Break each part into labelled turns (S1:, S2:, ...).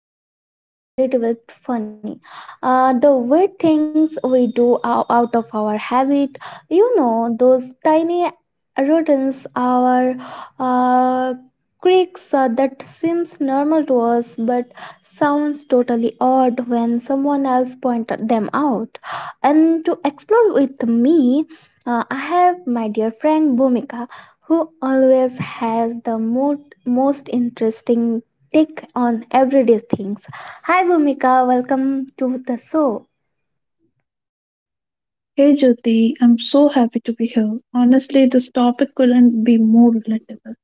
S1: light, strange and a little bit funny. The weird things we do out of our habit, those tiny routines, our uh, quirks that seems normal to us but sounds totally odd when someone else pointed them out. And to explore with me, I have my dear friend Bhumika, who always has the most interesting take on everyday things. Hi, Bhumika, welcome to the show.
S2: Hey Jyoti, I'm so happy to be here. Honestly, this topic couldn't be more relatable.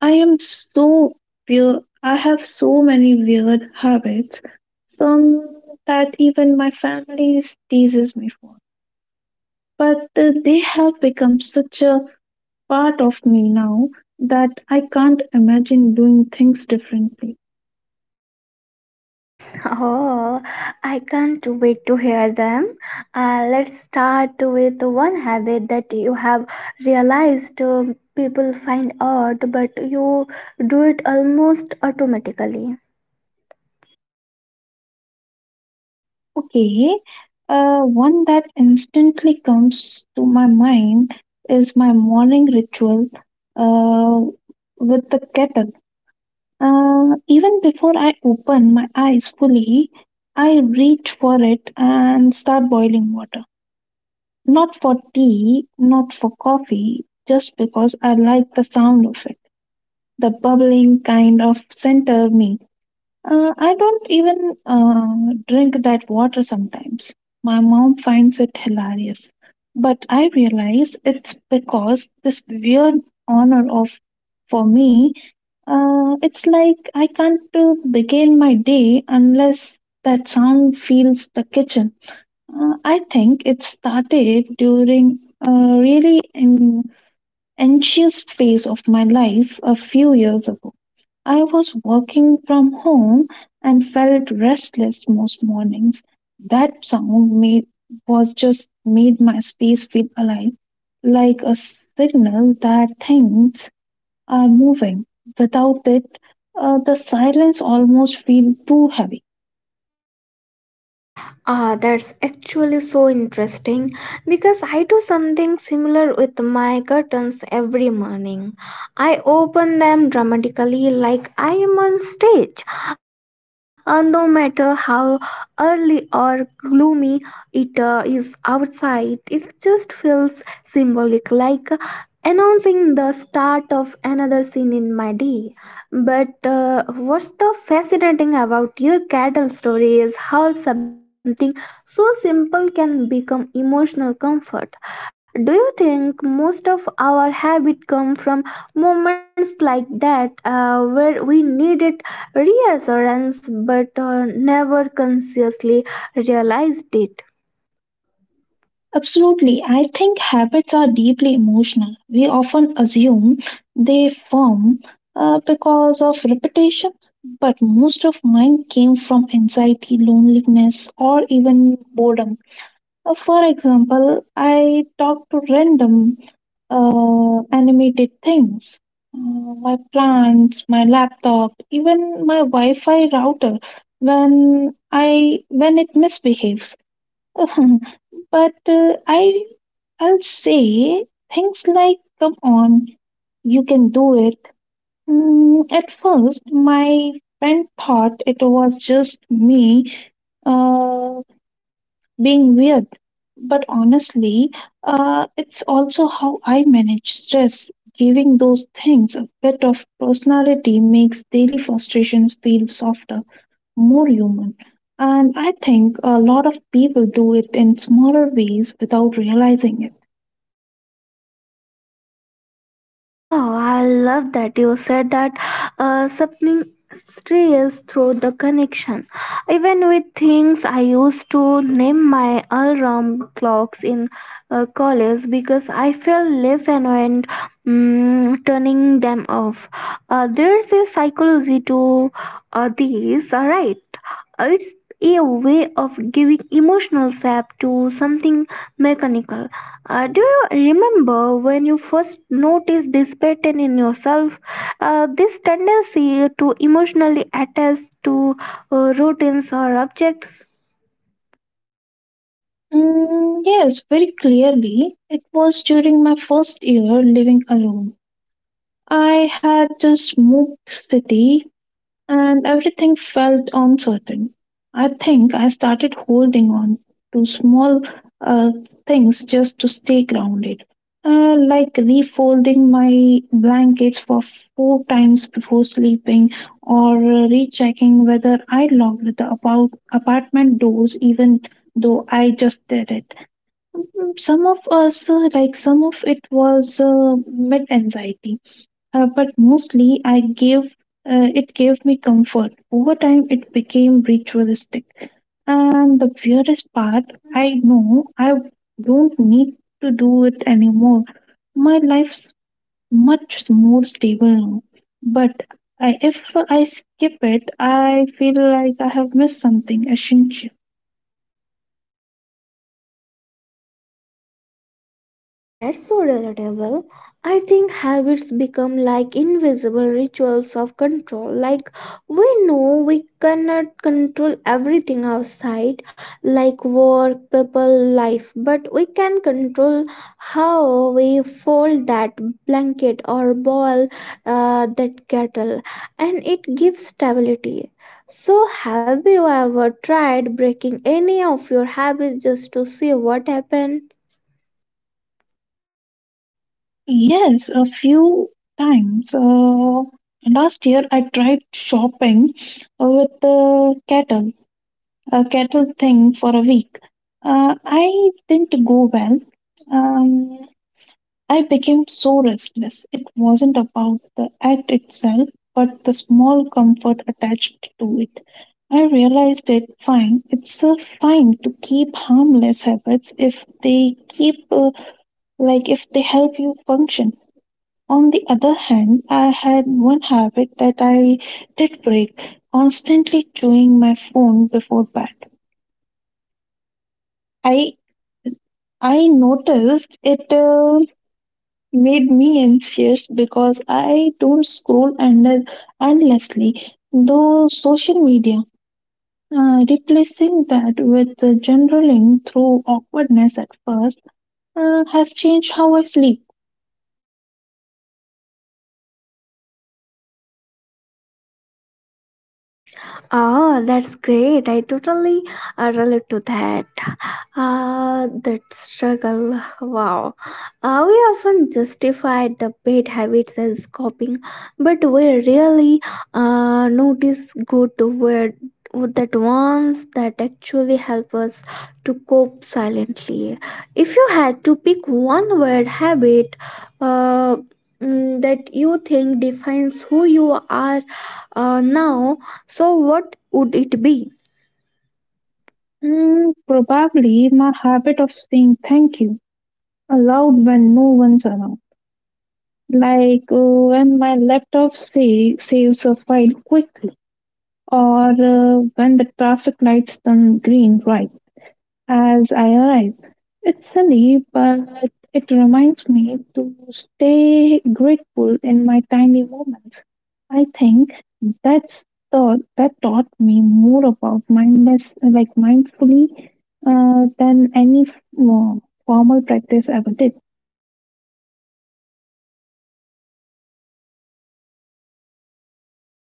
S2: I am so weird. I have so many weird habits, some that even my family teases me for. But they have become such a part of me now that I can't imagine doing things differently.
S1: Oh, I can't wait to hear them. Let's start with one habit that you have realized, people find odd, but you do it almost automatically.
S2: Okay, one that instantly comes to my mind is my morning ritual uh, with the kettle. Even before I open my eyes fully, I reach for it and start boiling water. Not for tea, not for coffee, just because I like the sound of it. The bubbling kind of center me. I don't even drink that water sometimes. My mom finds it hilarious. But I realize it's because this weird honor of, for me, it's like I can't begin my day unless that sound fills the kitchen. I think it started during a really an anxious phase of my life a few years ago. I was working from home and felt restless most mornings. That sound was just made my space feel alive, like a signal that things are moving. Without it, the silence almost feel too heavy.
S1: Ah, that's actually so interesting because I do something similar with my curtains every morning. I open them dramatically like I am on stage. No matter how early or gloomy it is outside, it just feels symbolic like announcing the start of another scene in my day. But what's the fascinating about your cattle story is how something so simple can become emotional comfort. Do you think most of our habit come from moments like that, where we needed reassurance but, never consciously realized it?
S2: Absolutely. I think habits are deeply emotional. We often assume they form because of repetition, but most of mine came from anxiety, loneliness, or even boredom. For example, I talk to random animated things. uh, My plants, my laptop, even my Wi-Fi router when I when it misbehaves but I'll say things like, come on, you can do it. At first, my friend thought it was just me uh, being weird. But honestly, it's also how I manage stress. Giving those things a bit of personality makes daily frustrations feel softer, more human. And I think a lot of people do it in smaller ways without realizing it.
S1: Oh wow, I love that you said that, something strays through the connection. Even with things I used to name my alarm clocks in college because I felt less annoyed turning them off. There's a psychology to, these, alright. It's a way of giving emotional sap to something mechanical. Do you remember when you first noticed this pattern in yourself? This tendency to emotionally attach to, routines or objects?
S2: Mm, yes, very clearly. It was during my first year living alone. I had just moved city and everything felt uncertain. I think I started holding on to small uh, things just to stay grounded, like refolding my blankets for four times before sleeping or rechecking whether I locked the about apartment doors even though I just did it. Like some of it was mid anxiety, but mostly I gave it gave me comfort. Over time, it became ritualistic. And the weirdest part, I know I don't need to do it anymore. My life's much more stable now. But if I skip it, I feel like I have missed something essential.
S1: That's so relatable. I think habits become like invisible rituals of control. Like we know we cannot control everything outside, like work, people, life, but we can control how we fold that blanket or ball, that kettle, and it gives stability. So, have you ever tried breaking any of your habits just to see what happens?
S2: Yes, a few times. Last year, I tried shopping with the kettle a kettle thing for a week. I didn't go well. Um, I became so restless. It wasn't about the act itself, but the small comfort attached to it. I realized it fine. It's fine to keep harmless habits if they keep, like, if they help you function. On the other hand, I had one habit that I did break constantly chewing my phone before bed. I I noticed it made me anxious because I don't scroll endlessly though social media. Replacing that with generaling through awkwardness at first has changed how I sleep.
S1: Oh, that's great. I totally, relate to that. Ah, that struggle. Wow. We often justify the bad habits as coping, but we rarely, notice good word that ones that actually help us to cope silently. If you had to pick one word habit, uh, that you think defines who you are, now, so, what would it be?
S2: Probably my habit of saying thank you aloud when no one's around, like when my saves a file quickly or when the traffic lights turn green right as I arrive. It's silly, but it reminds me to stay grateful in my tiny moments. I think that's thought that taught me more about like mindfully, than any uh, formal practice ever did.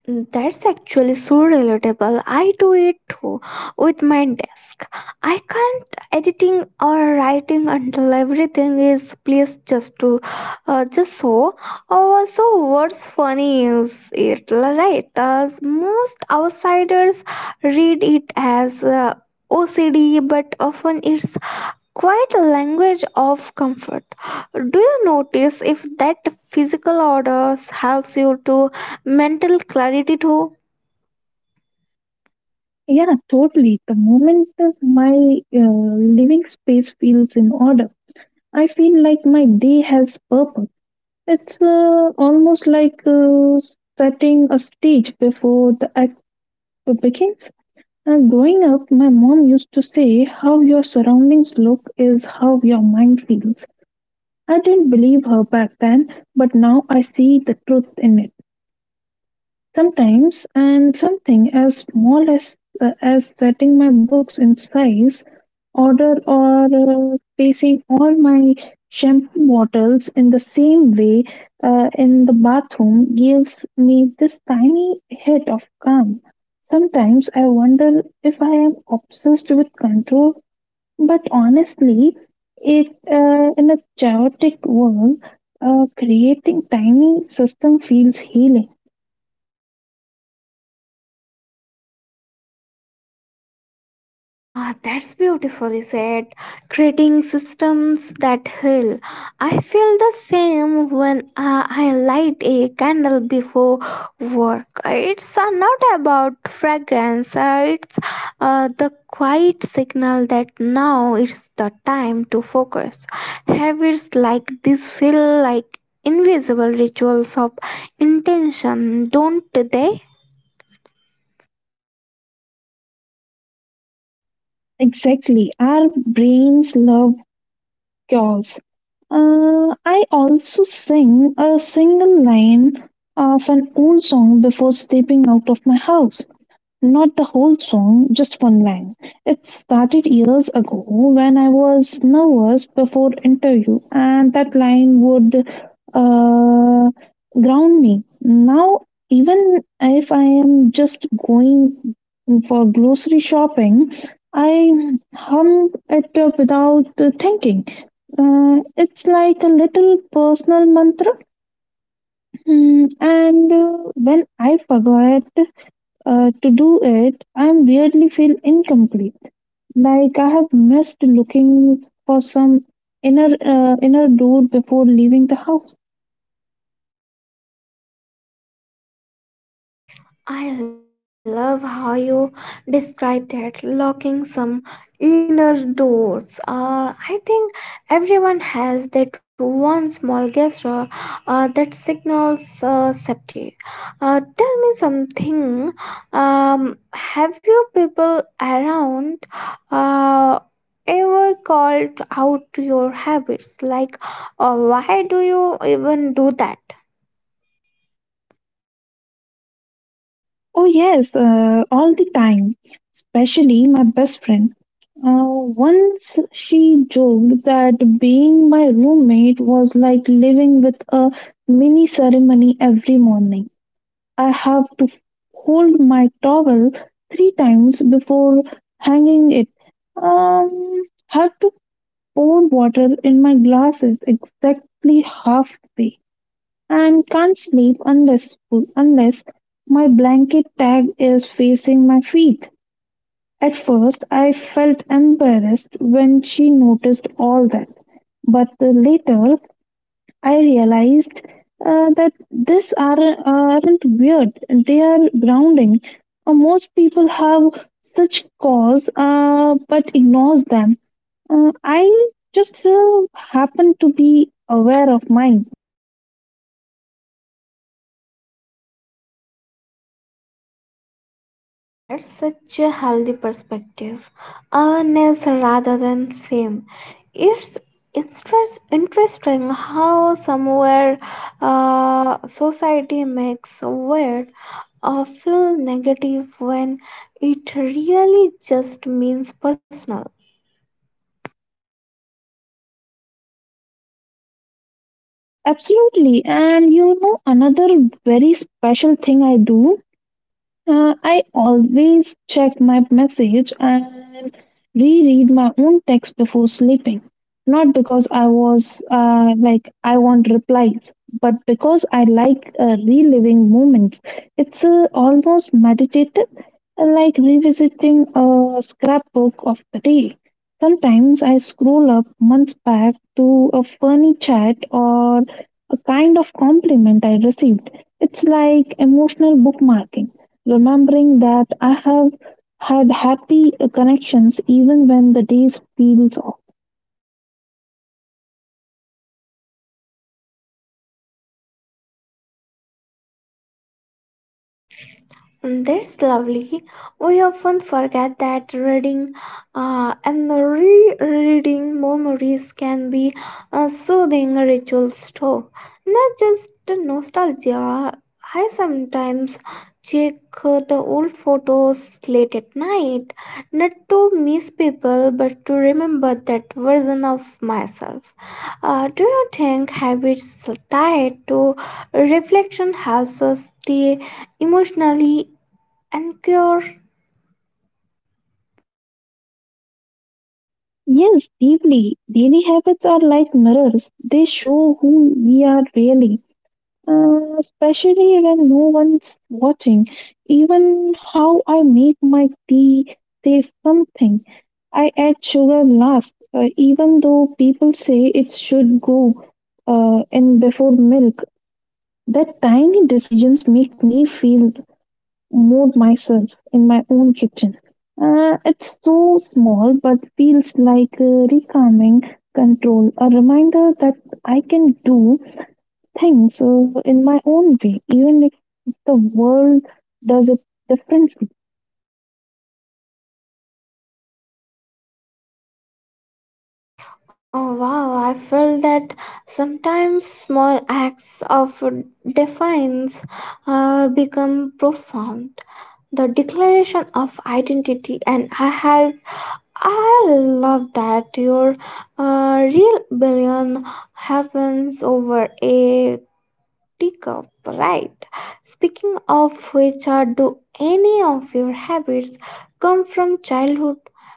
S1: That's actually so relatable. I do it too with my desk. I can't editing or writing until everything is placed just so. Also, what's funny is it right? As most outsiders read it as, OCD, but often it's quite a language of comfort. Do you notice if that physical orders helps you to mental clarity too?
S2: Yeah, totally. The moment that my living space feels in order, I feel like my day has purpose. It's almost like setting a stage before the act begins. Growing up, my mom used to say, "How your surroundings look is how your mind feels." I didn't believe her back then, but now I see the truth in it. Sometimes, and something as small as as setting my books in size, order, or placing all my shampoo bottles in the same way in the bathroom gives me this tiny hit of calm. Sometimes I wonder if I am obsessed with control, but honestly, it in a chaotic world, creating tiny system feels healing.
S1: Ah, that's beautifully said. Creating systems that heal. I feel the same when, I light a candle before work. It's, not about fragrance, it's, the quiet signal that now it's the time to focus. Habits like this feel like invisible rituals of intention, don't they?
S2: Exactly. Our brains love cures. I also sing a single line of an old song before stepping out of my house. Not the whole song, just one line. It started years ago when I was nervous before interview and that line would uh, ground me. Now even if I am just going for grocery shopping, I hum it up without thinking. It's like a little personal mantra. And when I forget to do it, I weirdly feel incomplete, like I have missed looking for some inner door before leaving the house.
S1: I love how you described that locking some inner doors. I think everyone has that one small gesture, that signals, safety. Tell me something. Have you people around, uh, ever called out your habits? Like, why do you even do that?
S2: Oh, yes, all the time, especially my best friend. Uh, Once she joked that being my roommate was like living with a mini ceremony every morning. I have to hold my towel three times before hanging it. Have to pour water in my glasses exactly halfway, and can't sleep unless my blanket tag is facing my feet. At first, I felt embarrassed when she noticed all that, but later I realized that aren't weird, they are grounding. Most people have such cause, but ignores them. I just happen to be aware of mine.
S1: That's such a healthy perspective. Awareness rather than shame. It's interesting how somewhere, society makes weird or feel negative when it really just means personal.
S2: Absolutely. And another very special thing I do. I always check my message and reread my own text before sleeping. Not because I was like, I want replies, but because I like reliving moments. It's almost meditative, like revisiting a scrapbook of the day. Sometimes I scroll up months back to a funny chat or a kind of compliment I received. It's like emotional bookmarking. Remembering that I have had happy connections even when the days feels off.
S1: That's lovely. We often forget that reading, and rereading memories can be a soothing rituals too, not just the nostalgia. I sometimes check, the old photos late at night, not to miss people, but to remember that version of myself. Do you think habits tied to reflection helps us stay emotionally anchored?
S2: Yes, deeply. Daily habits are like mirrors. They show who we are really. Especially when no one's watching. Even how I make my tea says something. I add sugar last, even though people say it should go in before milk. That tiny decisions make me feel mode myself in my own kitchen. It's so small but feels like recalming control, a reminder that I can do things in my own way, even if the world does it differently.
S1: Oh wow, I feel that sometimes small acts of defiance, become profound. The declaration of identity, and I love that your, real billion happens over a tick, right? Speaking of which, do any of your habits come from childhood?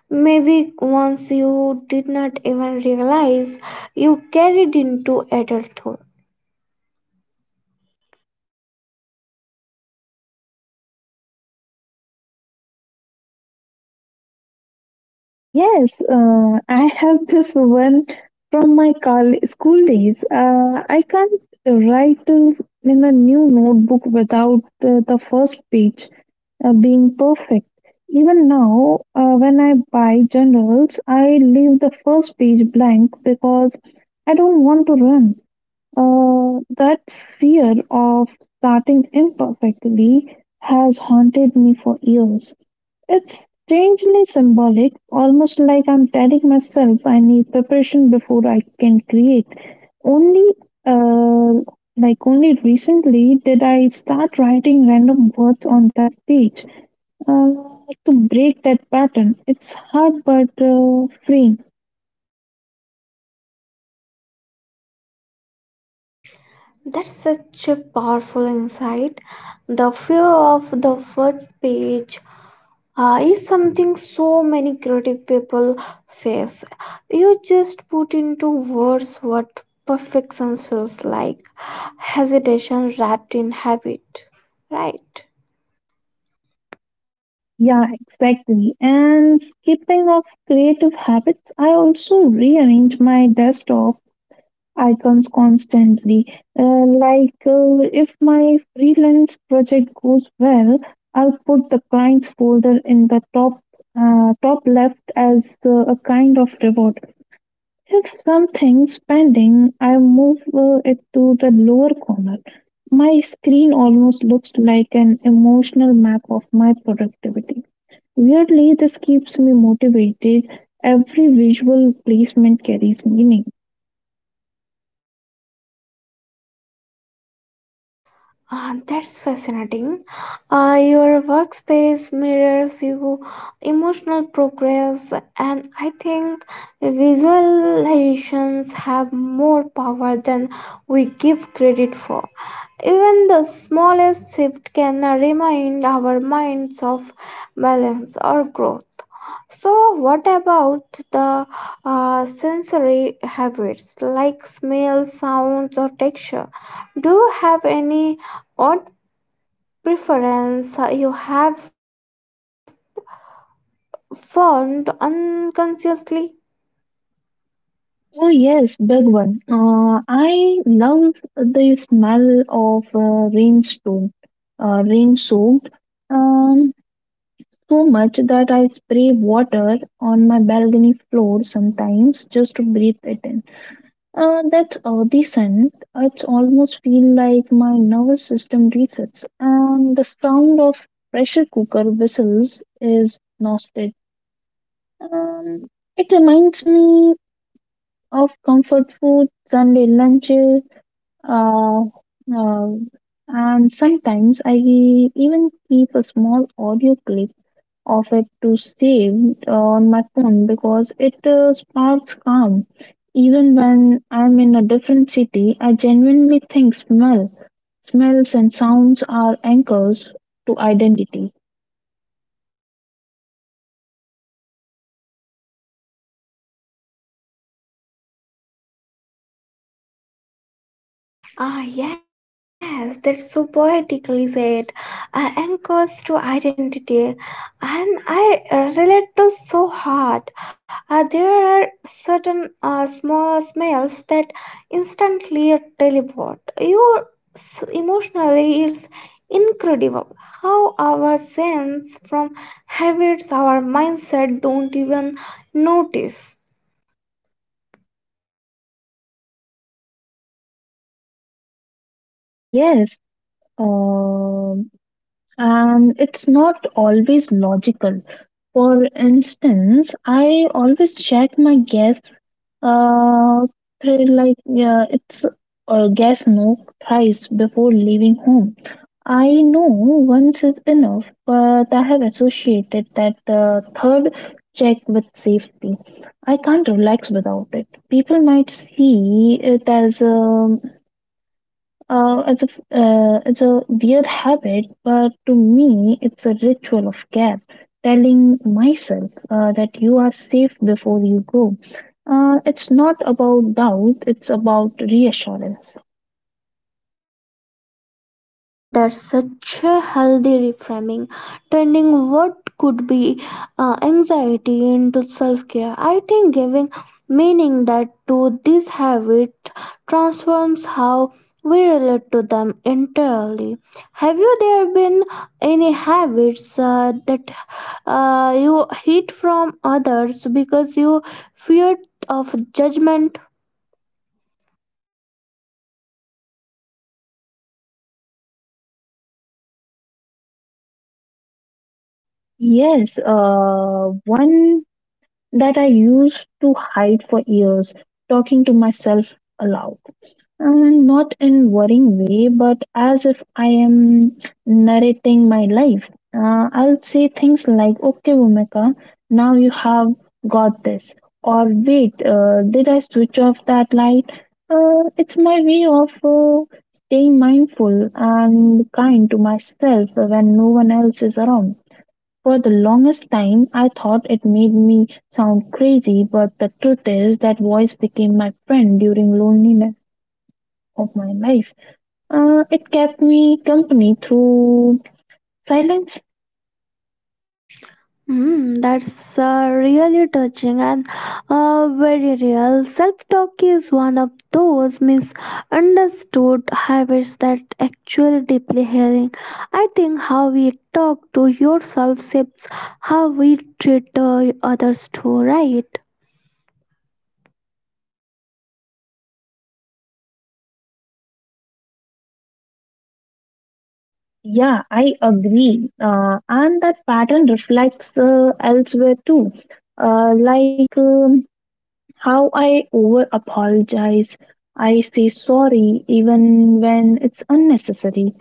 S1: Maybe ones you did not even realize you carried into adulthood.
S2: Yes, I have this one from school days. I can't write in a new notebook without the first page being perfect. Even now, when I buy journals, I leave the first page blank because I don't want to run. That fear of starting imperfectly has haunted me for years. It's strangely symbolic, almost like I'm telling myself I need preparation before I can create. Only uh, like only recently did I start writing random words on that page uh, to break that pattern. It's hard but freeing.
S1: That's such a powerful insight. The fear of the first page, is something so many creative people face. You just put into words what perfection feels like hesitation wrapped in habit, right?
S2: Yeah, exactly. And skipping of creative habits, I also rearrange my desktop icons constantly. Like if my freelance project goes well, I'll put the clients folder in the top left as a kind of reward. If something's pending, I move it to the lower corner. My screen almost looks like an emotional map of my productivity. Weirdly, this keeps me motivated. Every visual placement carries meaning.
S1: Ah, that's fascinating. Your workspace mirrors your emotional progress, and I think visualizations have more power than we give credit for. Even the smallest shift can remind our minds of balance or growth. So, what about the, sensory habits like smell, sounds, or texture? Do you have any? What preference you have formed unconsciously?
S2: Oh, yes, big one. I love the smell of rainstorm, rain soaked. Um, So much that I spray water on my balcony floor sometimes just to breathe it in. That's the scent. It's almost feel like my nervous system resets, and the sound of pressure cooker whistles is nostalgic. Um, it reminds me of comfort food, Sunday lunches, uh, uh, and sometimes I even keep a small audio clip of it to save on my phone because it sparks calm. Even when I'm in a different city, I genuinely think smells and sounds are anchors to identity.
S1: Ah, yes, that's so poetically said. Anchors to identity, and I, relate to so hard. There are certain, small smells that instantly teleport you emotionally. It's incredible how our sense from habits, our mindset don't even notice.
S2: Yes, um, and it's not always logical. For instance, I always check my gas, uh, like it's gas note thrice before leaving home. I know once is enough, but I have associated that third check with safety. I can't relax without it. People might see it as a as a as a weird habit, but to me, it's a ritual of care. Telling myself that you are safe before you go. It's not about doubt; it's about reassurance.
S1: That's such a healthy reframing, turning what could be, anxiety into self care. I think giving meaning that to this habit transforms how we relate to them entirely. Have you there been any habits, that, you hid from others because you feared of judgment?
S2: Yes, one that I used to hide for years, talking to myself aloud. And not in worrying way, but as if I am narrating my life. I'll say things like, okay, Bhumika, now you have got this. Or wait, did I switch off that light? It's my way of staying mindful and kind to myself when no one else is around. For the longest time I thought it made me sound crazy, but the truth is that voice became my friend during loneliness of my life. It kept me company through silence.
S1: That's, really touching and, very real. Self talk is one of those misunderstood habits that actually deeply healing. I think how we talk to yourself shapes how we treat, others too, right?
S2: Yeah, I agree. And that pattern reflects elsewhere too. Like how I over apologize, I say sorry even when it's unnecessary.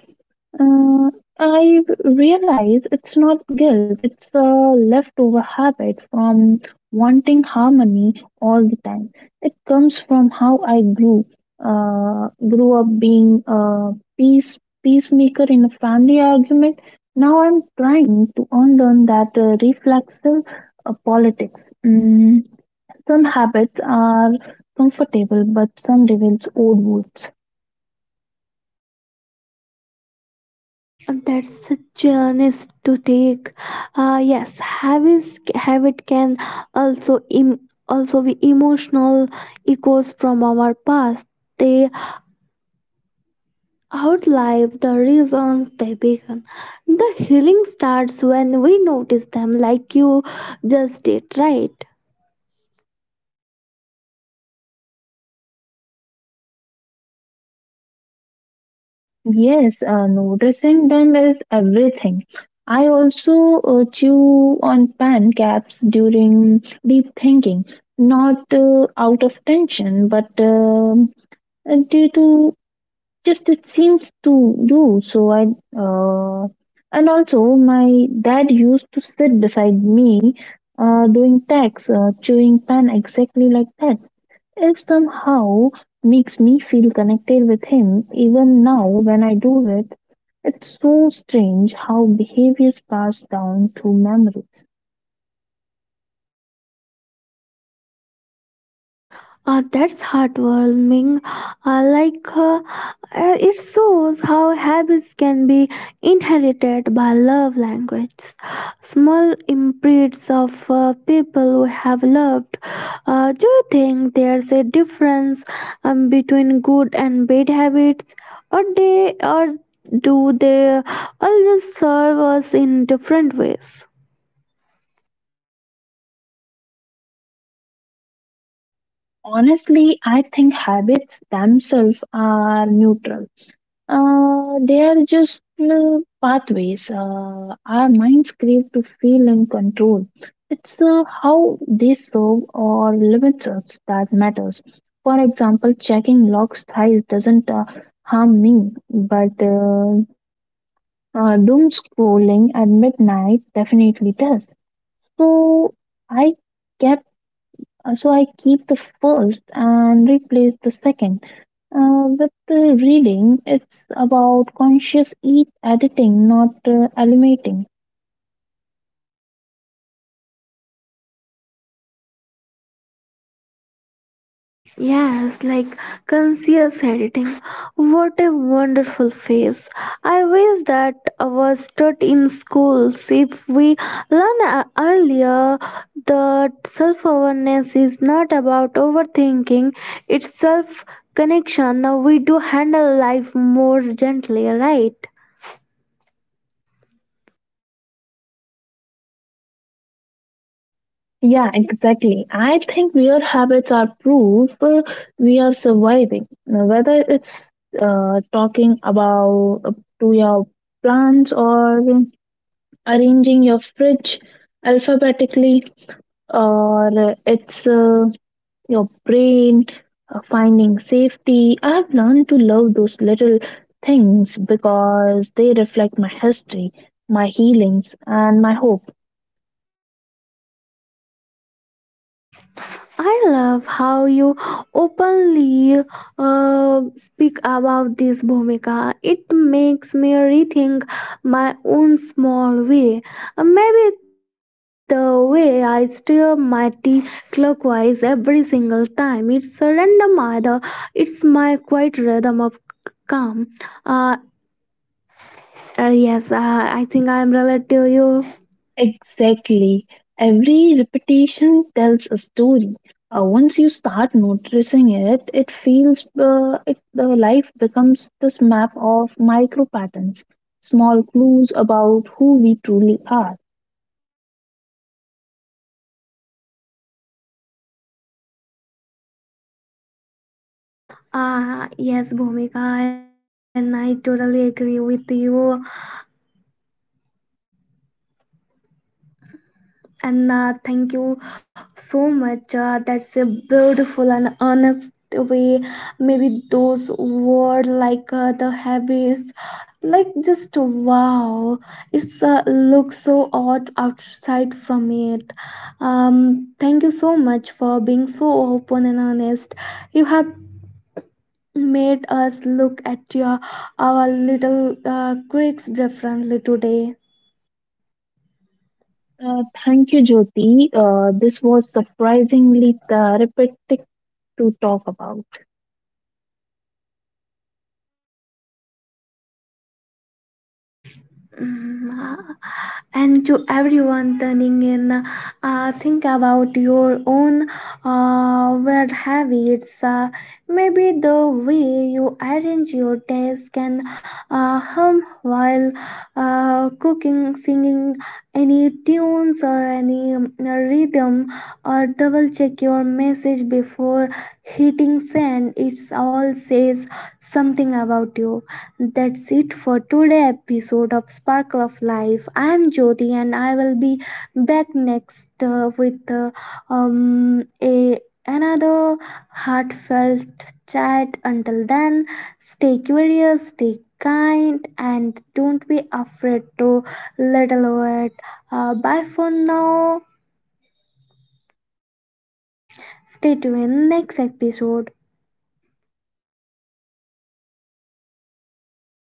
S2: Uh, I realize it's not guilt, it's a leftover habit from wanting harmony all the time. It comes from how I grew. Uh, Grew up being a peacemaker in a family argument. Now I'm trying to unlearn that reflexive politics. Some habits are comfortable, but some reveals old wounds.
S1: That's such a honest to take. Yes, habit can also Im- also be emotional echoes from our past. They outlive the reasons they began. The healing starts when we notice them, like you just did, right?
S2: Yes, noticing them is everything. I also chew on pen caps during deep thinking, not out of tension, but due to just it seems to do. So I uh, and also my dad used to sit beside me doing tax, chewing pen exactly like that. It somehow makes me feel connected with him even now when I do it. It's so strange how behaviors pass down through memories.
S1: That's heartwarming. Like, it shows how habits can be inherited by love language. Small imprints of, people we have loved. Do you think there's a difference, between good and bad habits, or do they all just serve us in different ways?
S2: Honestly, I think habits themselves are neutral. They are just pathways. Our minds crave to feel in control. It's how they serve or limit us that matters. For example, checking lock's thighs doesn't harm me, but doom scrolling at midnight definitely does. So I kept, so I keep the first and replace the second. With the reading, it's about conscious eat editing, not eliminating.
S1: Yes, like conscious editing. What a wonderful phase. I wish that was taught in schools. If we learn, earlier that self awareness is not about overthinking, it's self connection, we do handle life more gently, right?
S2: Yeah, exactly. I think weird habits are proof we are surviving. Now, whether it's talking about to your plants or arranging your fridge alphabetically, or it's your brain, finding safety. I've learned to love those little things because they reflect my history, my healings, and my hope.
S1: I love how you openly, speak about this, Bhumika. It makes me rethink my own small way. Maybe the way I stir my tea clockwise every single time. It's a random either. It's my quiet rhythm of calm. Uh, yes, I think I am relative to you.
S2: Exactly. Every repetition tells a story. Once you start noticing it, the life becomes this map of micro patterns, small clues about who we truly are.
S1: Yes, Bhumika, and I totally agree with you, and thank you so much, that's a beautiful and honest way. Maybe those were like, the habits, like, just wow, it's, looks so odd outside from it. Thank you so much for being so open and honest. You have made us look at your our little, quirks differently today.
S2: Thank you, Jyoti. This was surprisingly therapeutic to talk about.
S1: Mm, and to everyone turning in, think about your own, weird habits, maybe the way you arrange your desk and, hum while, cooking singing any tunes or any, rhythm or double check your message before hitting send, it's all says something about you. That's it for today episode of Sparkle of Life. I am Jyoti and I will be back next, with a another heartfelt chat. Until then, stay curious, stay kind, and don't be afraid to let alert. Bye for now. Stay tuned next episode.